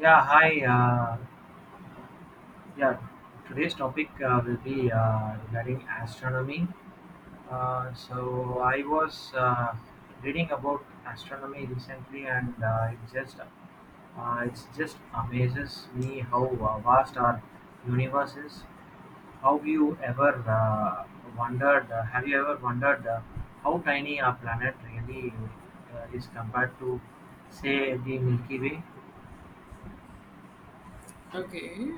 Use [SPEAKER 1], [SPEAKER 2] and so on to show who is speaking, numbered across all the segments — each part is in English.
[SPEAKER 1] Yeah, hi. Yeah, today's topic will be regarding astronomy. So I was reading about astronomy recently, and it just amazes me how vast our universe is. How you ever wondered? Have you ever wondered how tiny our planet really is compared to, say, the Milky Way?
[SPEAKER 2] Okay.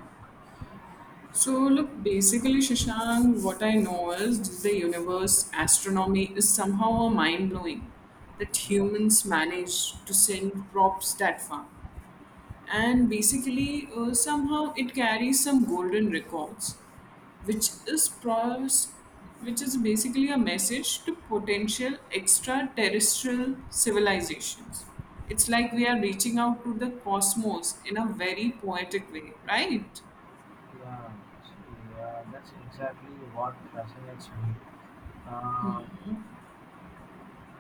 [SPEAKER 2] So look, basically, Shashank, what I know is the universe astronomy is somehow mind blowing that
[SPEAKER 1] Yeah.
[SPEAKER 2] humans manage to send props that far. And basically, somehow it carries some golden records, which is pros- which is basically a message to potential extraterrestrial civilizations. It's like we are reaching out to the cosmos in a very poetic way, right?
[SPEAKER 1] Yeah, yeah, that's exactly what fascinates me. Uh,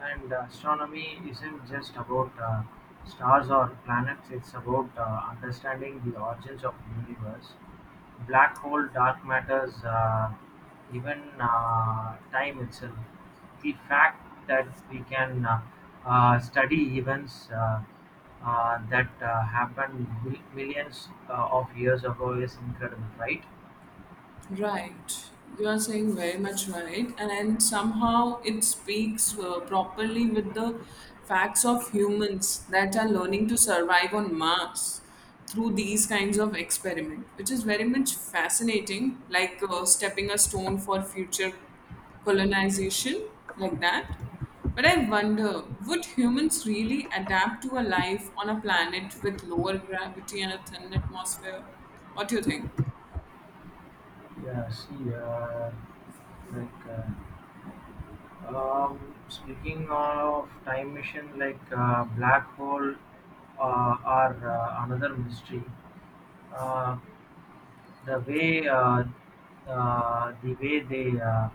[SPEAKER 1] and astronomy isn't just about stars or planets; it's about understanding the origins of the universe, black hole, dark matters, even time itself. The fact that we can study events that happened millions of years ago is incredible, right?
[SPEAKER 2] Right. You are saying very much right. And somehow it speaks properly with the facts of humans that are learning to survive on Mars through these kinds of experiment, which is very much fascinating, like stepping a stone for future colonization, like that. But I wonder, would humans really adapt to a life on a planet with lower gravity and a thin atmosphere? What do you think?
[SPEAKER 1] Yeah, see, uh, Okay. Speaking of time machine, like black hole are another mystery. Uh, the way uh, the way they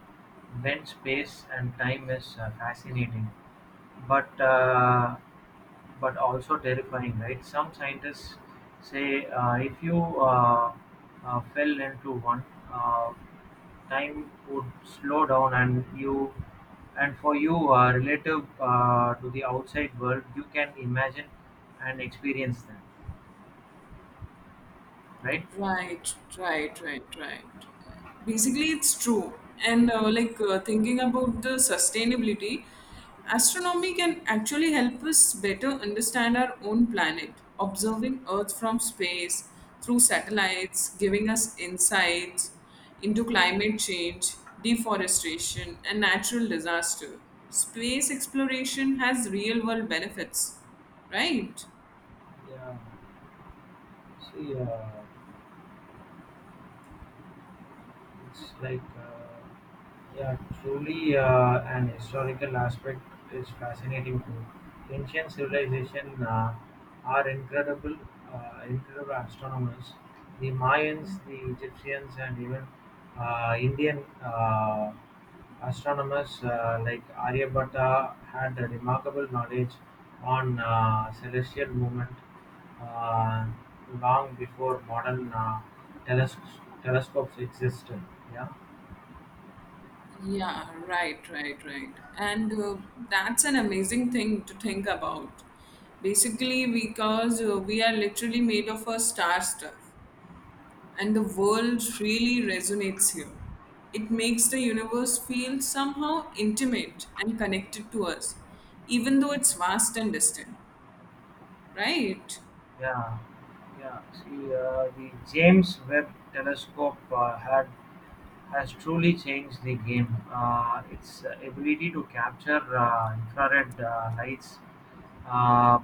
[SPEAKER 1] bend space and time is fascinating but uh, but also terrifying, right? Some scientists say if you fell into one, uh, time would slow down, and for you, relative to the outside world, you can imagine and experience them, right?
[SPEAKER 2] Right, right, right, right. Basically, it's true. And thinking about the sustainability, astronomy can actually help us better understand our own planet, observing Earth from space through satellites, giving us insights into climate change, deforestation, and natural disaster. Space exploration has real world benefits, right?
[SPEAKER 1] Yeah. See, it's like. Yeah, truly, an historical aspect is fascinating too. Ancient civilization are incredible astronomers. The Mayans, the Egyptians, and even Indian astronomers like Aryabhatta had a remarkable knowledge on celestial movement uh, long before modern teles- telescopes existed. Yeah.
[SPEAKER 2] Yeah, right, right, right. And that's an amazing thing to think about. Basically, because we are literally made of a star stuff, and the world really resonates here. It makes the universe feel somehow intimate and connected to us, even though it's vast and distant, right?
[SPEAKER 1] Yeah, yeah. See, the James Webb Telescope had has truly changed the game. Its ability to capture infrared lights uh,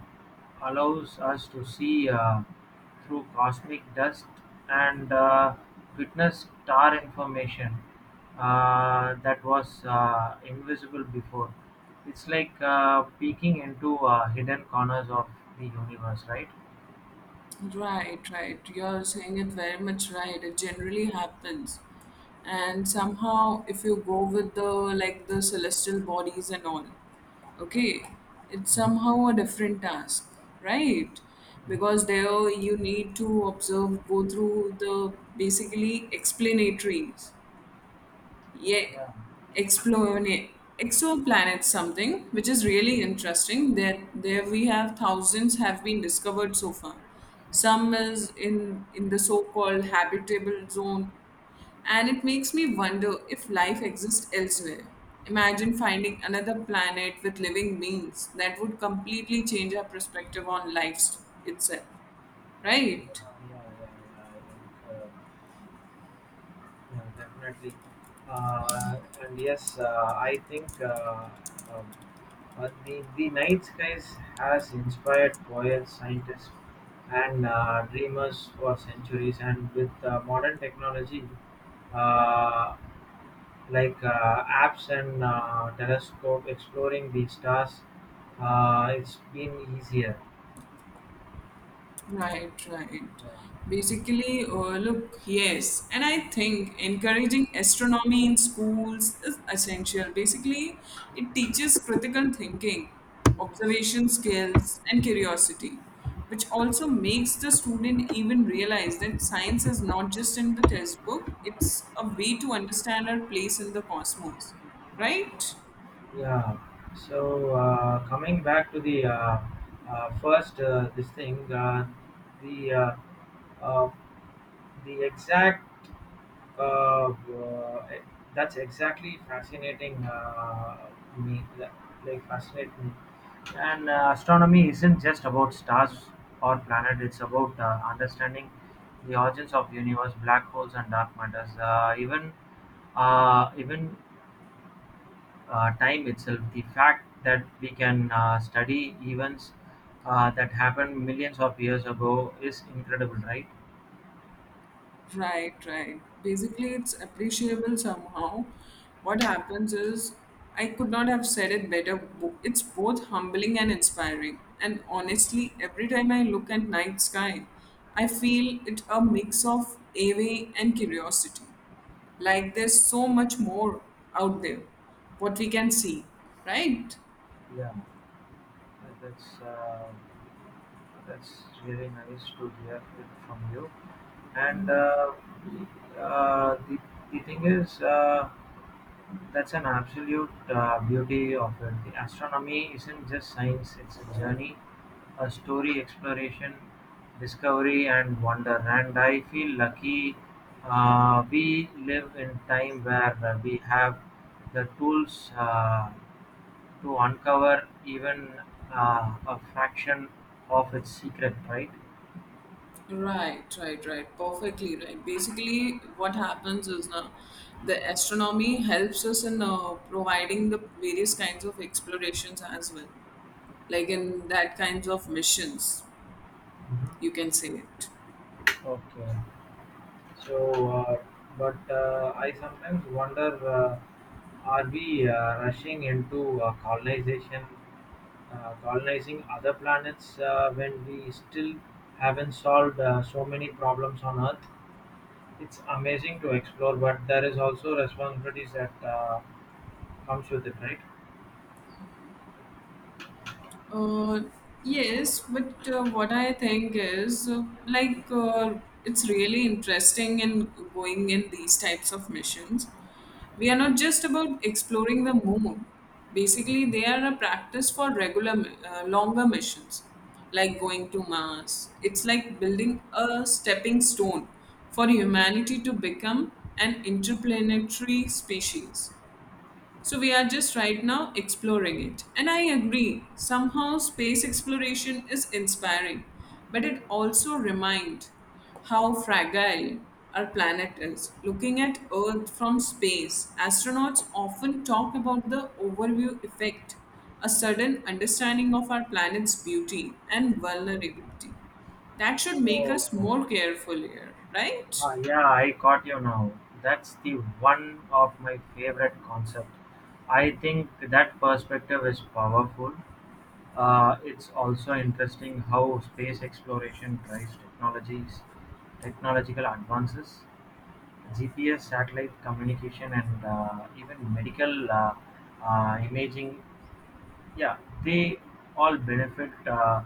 [SPEAKER 1] allows us to see through cosmic dust and witness star information that was invisible before. It's like peeking into hidden corners of the universe, right?
[SPEAKER 2] Right, right. You're saying it very much right. It generally happens. And somehow, if you go with the like the celestial bodies and all, okay, it's somehow a different task, right? Because there you need to observe, go through the basically explanatories, yeah,
[SPEAKER 1] Yeah,
[SPEAKER 2] explone exoplanets, something which is really interesting. There we have thousands have been discovered so far. Some is in the so called habitable zone, and it makes me wonder if life exists elsewhere. Imagine finding another planet with living beings. That would completely change our perspective on life itself,
[SPEAKER 1] yeah,
[SPEAKER 2] right?
[SPEAKER 1] yeah, yeah. I think, uh, yeah, definitely. And yes, uh, I think uh, um, uh, the the night skies has inspired poets, scientists, and dreamers for centuries. And with modern technology, uh, like apps and telescope exploring the stars, it's been easier.
[SPEAKER 2] Right, right.
[SPEAKER 1] Yeah.
[SPEAKER 2] Basically, look, yes, and I think encouraging astronomy in schools is essential. Basically, it teaches critical thinking, observation skills, and curiosity, which also makes the student even realize that science is not just in the textbook, it's a way to understand our place in the cosmos, right?
[SPEAKER 1] Yeah. So coming back to the first this thing, the uh, uh, the exact eh, That's exactly fascinating me li- like fascinate me. And Astronomy isn't just about stars or planet; it's about understanding the origins of universe, black holes, and dark matters. Even time itself. The fact that we can study events that happened millions of years ago is incredible, right?
[SPEAKER 2] Right, right. Basically, it's appreciable somehow. What happens is, I could not have said it better. It's both humbling and inspiring. And honestly, every time I look at night sky, I feel it a mix of awe and curiosity. Like there's so much more out there, what we can see, right?
[SPEAKER 1] Yeah, that's uh, that's really nice to hear it from you. And uh, uh, the the thing is, that's an absolute beauty of it. The astronomy isn't just science; it's a journey. A story, exploration, discovery and wonder, and I feel lucky we live in time where we have the tools to uncover even a fraction of its secret, right?
[SPEAKER 2] Right, right, right. Perfectly right. Basically, what happens is now the astronomy helps us in providing the various kinds of explorations as well, like in that kinds of missions, you
[SPEAKER 1] Mhm.
[SPEAKER 2] can say it.
[SPEAKER 1] Okay. So, uh, but I sometimes wonder, are we rushing into colonizing other planets when we still haven't solved so many problems on Earth? It's amazing to explore, but there is also responsibilities that comes with it, right?
[SPEAKER 2] Uh, yes, but what I think is it's really interesting in going in these types of missions. We are not just about exploring the moon. Basically, they are a practice for regular, longer missions, like going to Mars. It's like building a stepping stone for humanity to become an interplanetary species. So we are just right now exploring it. And I agree, somehow space exploration is inspiring, but it also reminds how fragile our planet is. Looking at Earth from space, astronauts often talk about the overview effect, a sudden understanding of our planet's beauty and vulnerability. That should make
[SPEAKER 1] Oh,
[SPEAKER 2] us more careful here, right?
[SPEAKER 1] ah, yeah, I got you now. That's the one of my favorite concept. I think that perspective is powerful. It's also interesting how space exploration drives technological advances: GPS, satellite communication, and even medical imaging. Yeah, they all benefit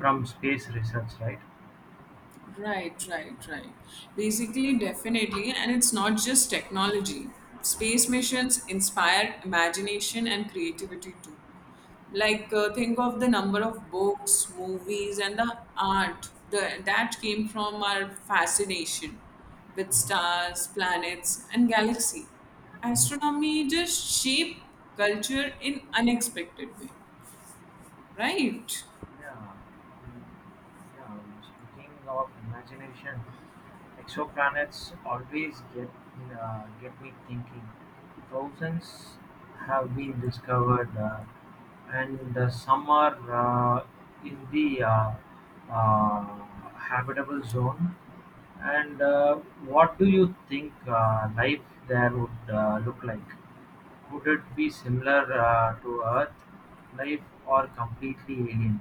[SPEAKER 1] from space research, right?
[SPEAKER 2] Right, right, right. Basically, definitely, and it's not just technology. Space missions inspire imagination and creativity too. Like, think of the number of books, movies, and the art that came from our fascination with
[SPEAKER 1] Mhm.
[SPEAKER 2] stars, planets, and galaxy. Astronomy just shaped culture in unexpected way, right?
[SPEAKER 1] Yeah. mm, Yeah. Speaking of imagination, exoplanets always get me thinking. Thousands have been discovered, and some are in the habitable zone. And what do you think life there would look like? Would it be similar to Earth life or completely alien?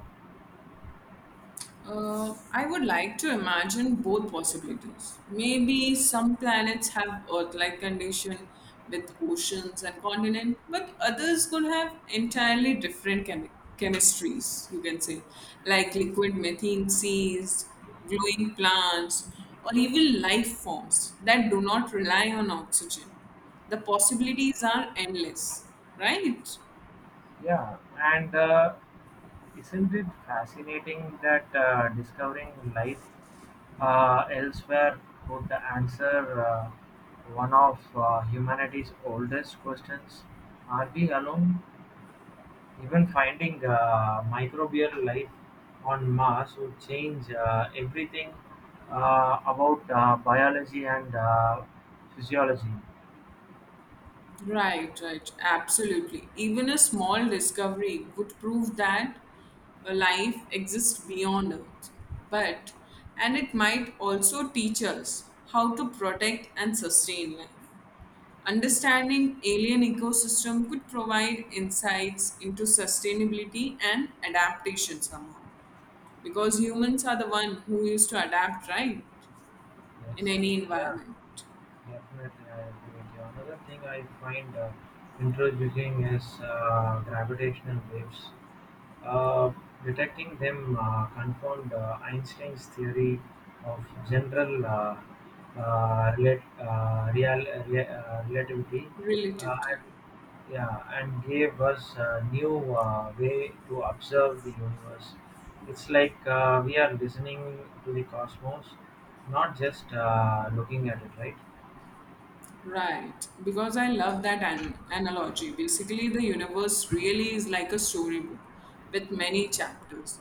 [SPEAKER 2] I would like to imagine both possibilities. Maybe some planets have Earth-like condition with oceans and continent, but others could have entirely different chemistries. You can say, like liquid methane seas, glowing plants, or even life forms that do not rely on oxygen. The possibilities are endless, right?
[SPEAKER 1] Yeah, and isn't it fascinating that discovering life elsewhere could answer one of humanity's oldest questions? Are we alone? Even finding microbial life on Mars would change everything about biology and physiology.
[SPEAKER 2] Right, right, absolutely. Even a small discovery would prove that a life exists beyond Earth. But, and it might also teach us how to protect and sustain life. Understanding alien ecosystem could provide insights into sustainability and adaptation somehow. Because humans are the one who used to adapt, right?
[SPEAKER 1] Yes,
[SPEAKER 2] In any
[SPEAKER 1] yeah.
[SPEAKER 2] environment.
[SPEAKER 1] Definitely, I agree with you. Another thing I find introducing is gravitational waves. Uh, detecting them confirmed Einstein's theory of general relativity uh,
[SPEAKER 2] Relativity.
[SPEAKER 1] and, yeah, and gave us a new way to observe the universe. It's like we are listening to the cosmos, not just looking at it, right?
[SPEAKER 2] Right, because I love that analogy. Basically, the universe really is like a storybook with many chapters.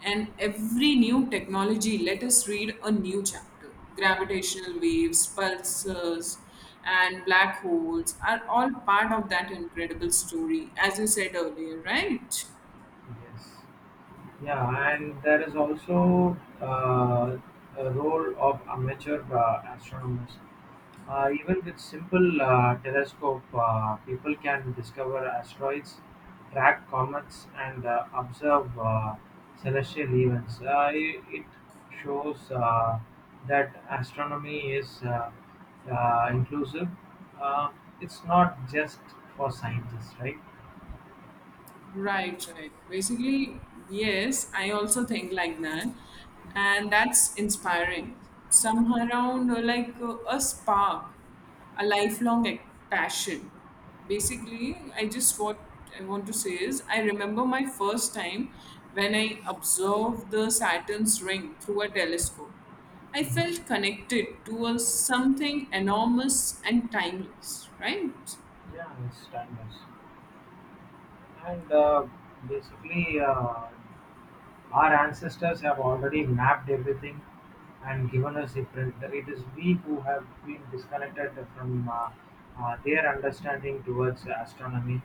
[SPEAKER 2] And every new technology let us read a new chapter. Gravitational waves, pulsars, and black holes are all part of that incredible story, as you said earlier, right?
[SPEAKER 1] Yes. Yeah, and there is also a role of amateur astronomers. Even with simple telescope, people can discover asteroids, track comets, and observe celestial events. It shows that astronomy is inclusive. Uh, it's not just for scientists, right?
[SPEAKER 2] Right, right. Basically, yes, I also think like that. And that's inspiring. Somehow around a spark, a lifelong passion. Basically, I just what I want to say is I remember my first time when I observed the Saturn's ring through a telescope. I felt
[SPEAKER 1] Hmm.
[SPEAKER 2] connected to a something enormous and timeless, right?
[SPEAKER 1] Yeah, it's timeless. And basically, our ancestors have already mapped everything and given us the print. It is we who have been disconnected from their understanding towards astronomy,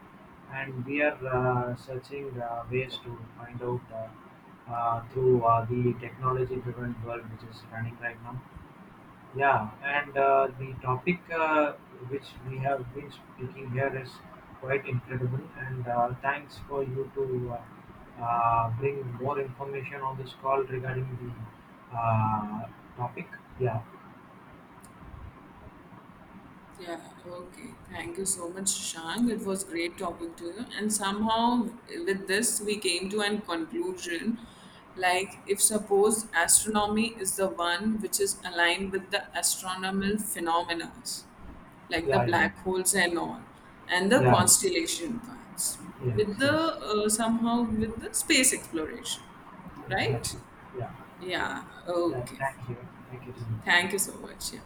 [SPEAKER 1] and we are searching ways to find out through the technology driven world which is running right now. Yeah, and the topic which we have been speaking here is quite incredible. And thanks for you to bring more information on this call regarding the topic. Yeah,
[SPEAKER 2] Yeah, okay. Thank you so much, Shang. It was great talking to you. And somehow, with this, we came to an conclusion like, if suppose astronomy is the one which is aligned with the astronomical phenomena, like the
[SPEAKER 1] yeah, yeah,
[SPEAKER 2] black holes and all, and the
[SPEAKER 1] yeah,
[SPEAKER 2] constellation parts,
[SPEAKER 1] yes,
[SPEAKER 2] with the
[SPEAKER 1] yes,
[SPEAKER 2] somehow with the space exploration, right?
[SPEAKER 1] exactly. Yeah, yeah,
[SPEAKER 2] Yeah,
[SPEAKER 1] yeah.
[SPEAKER 2] okay.
[SPEAKER 1] Thank you so
[SPEAKER 2] Thank you
[SPEAKER 1] much.
[SPEAKER 2] so much. Yeah,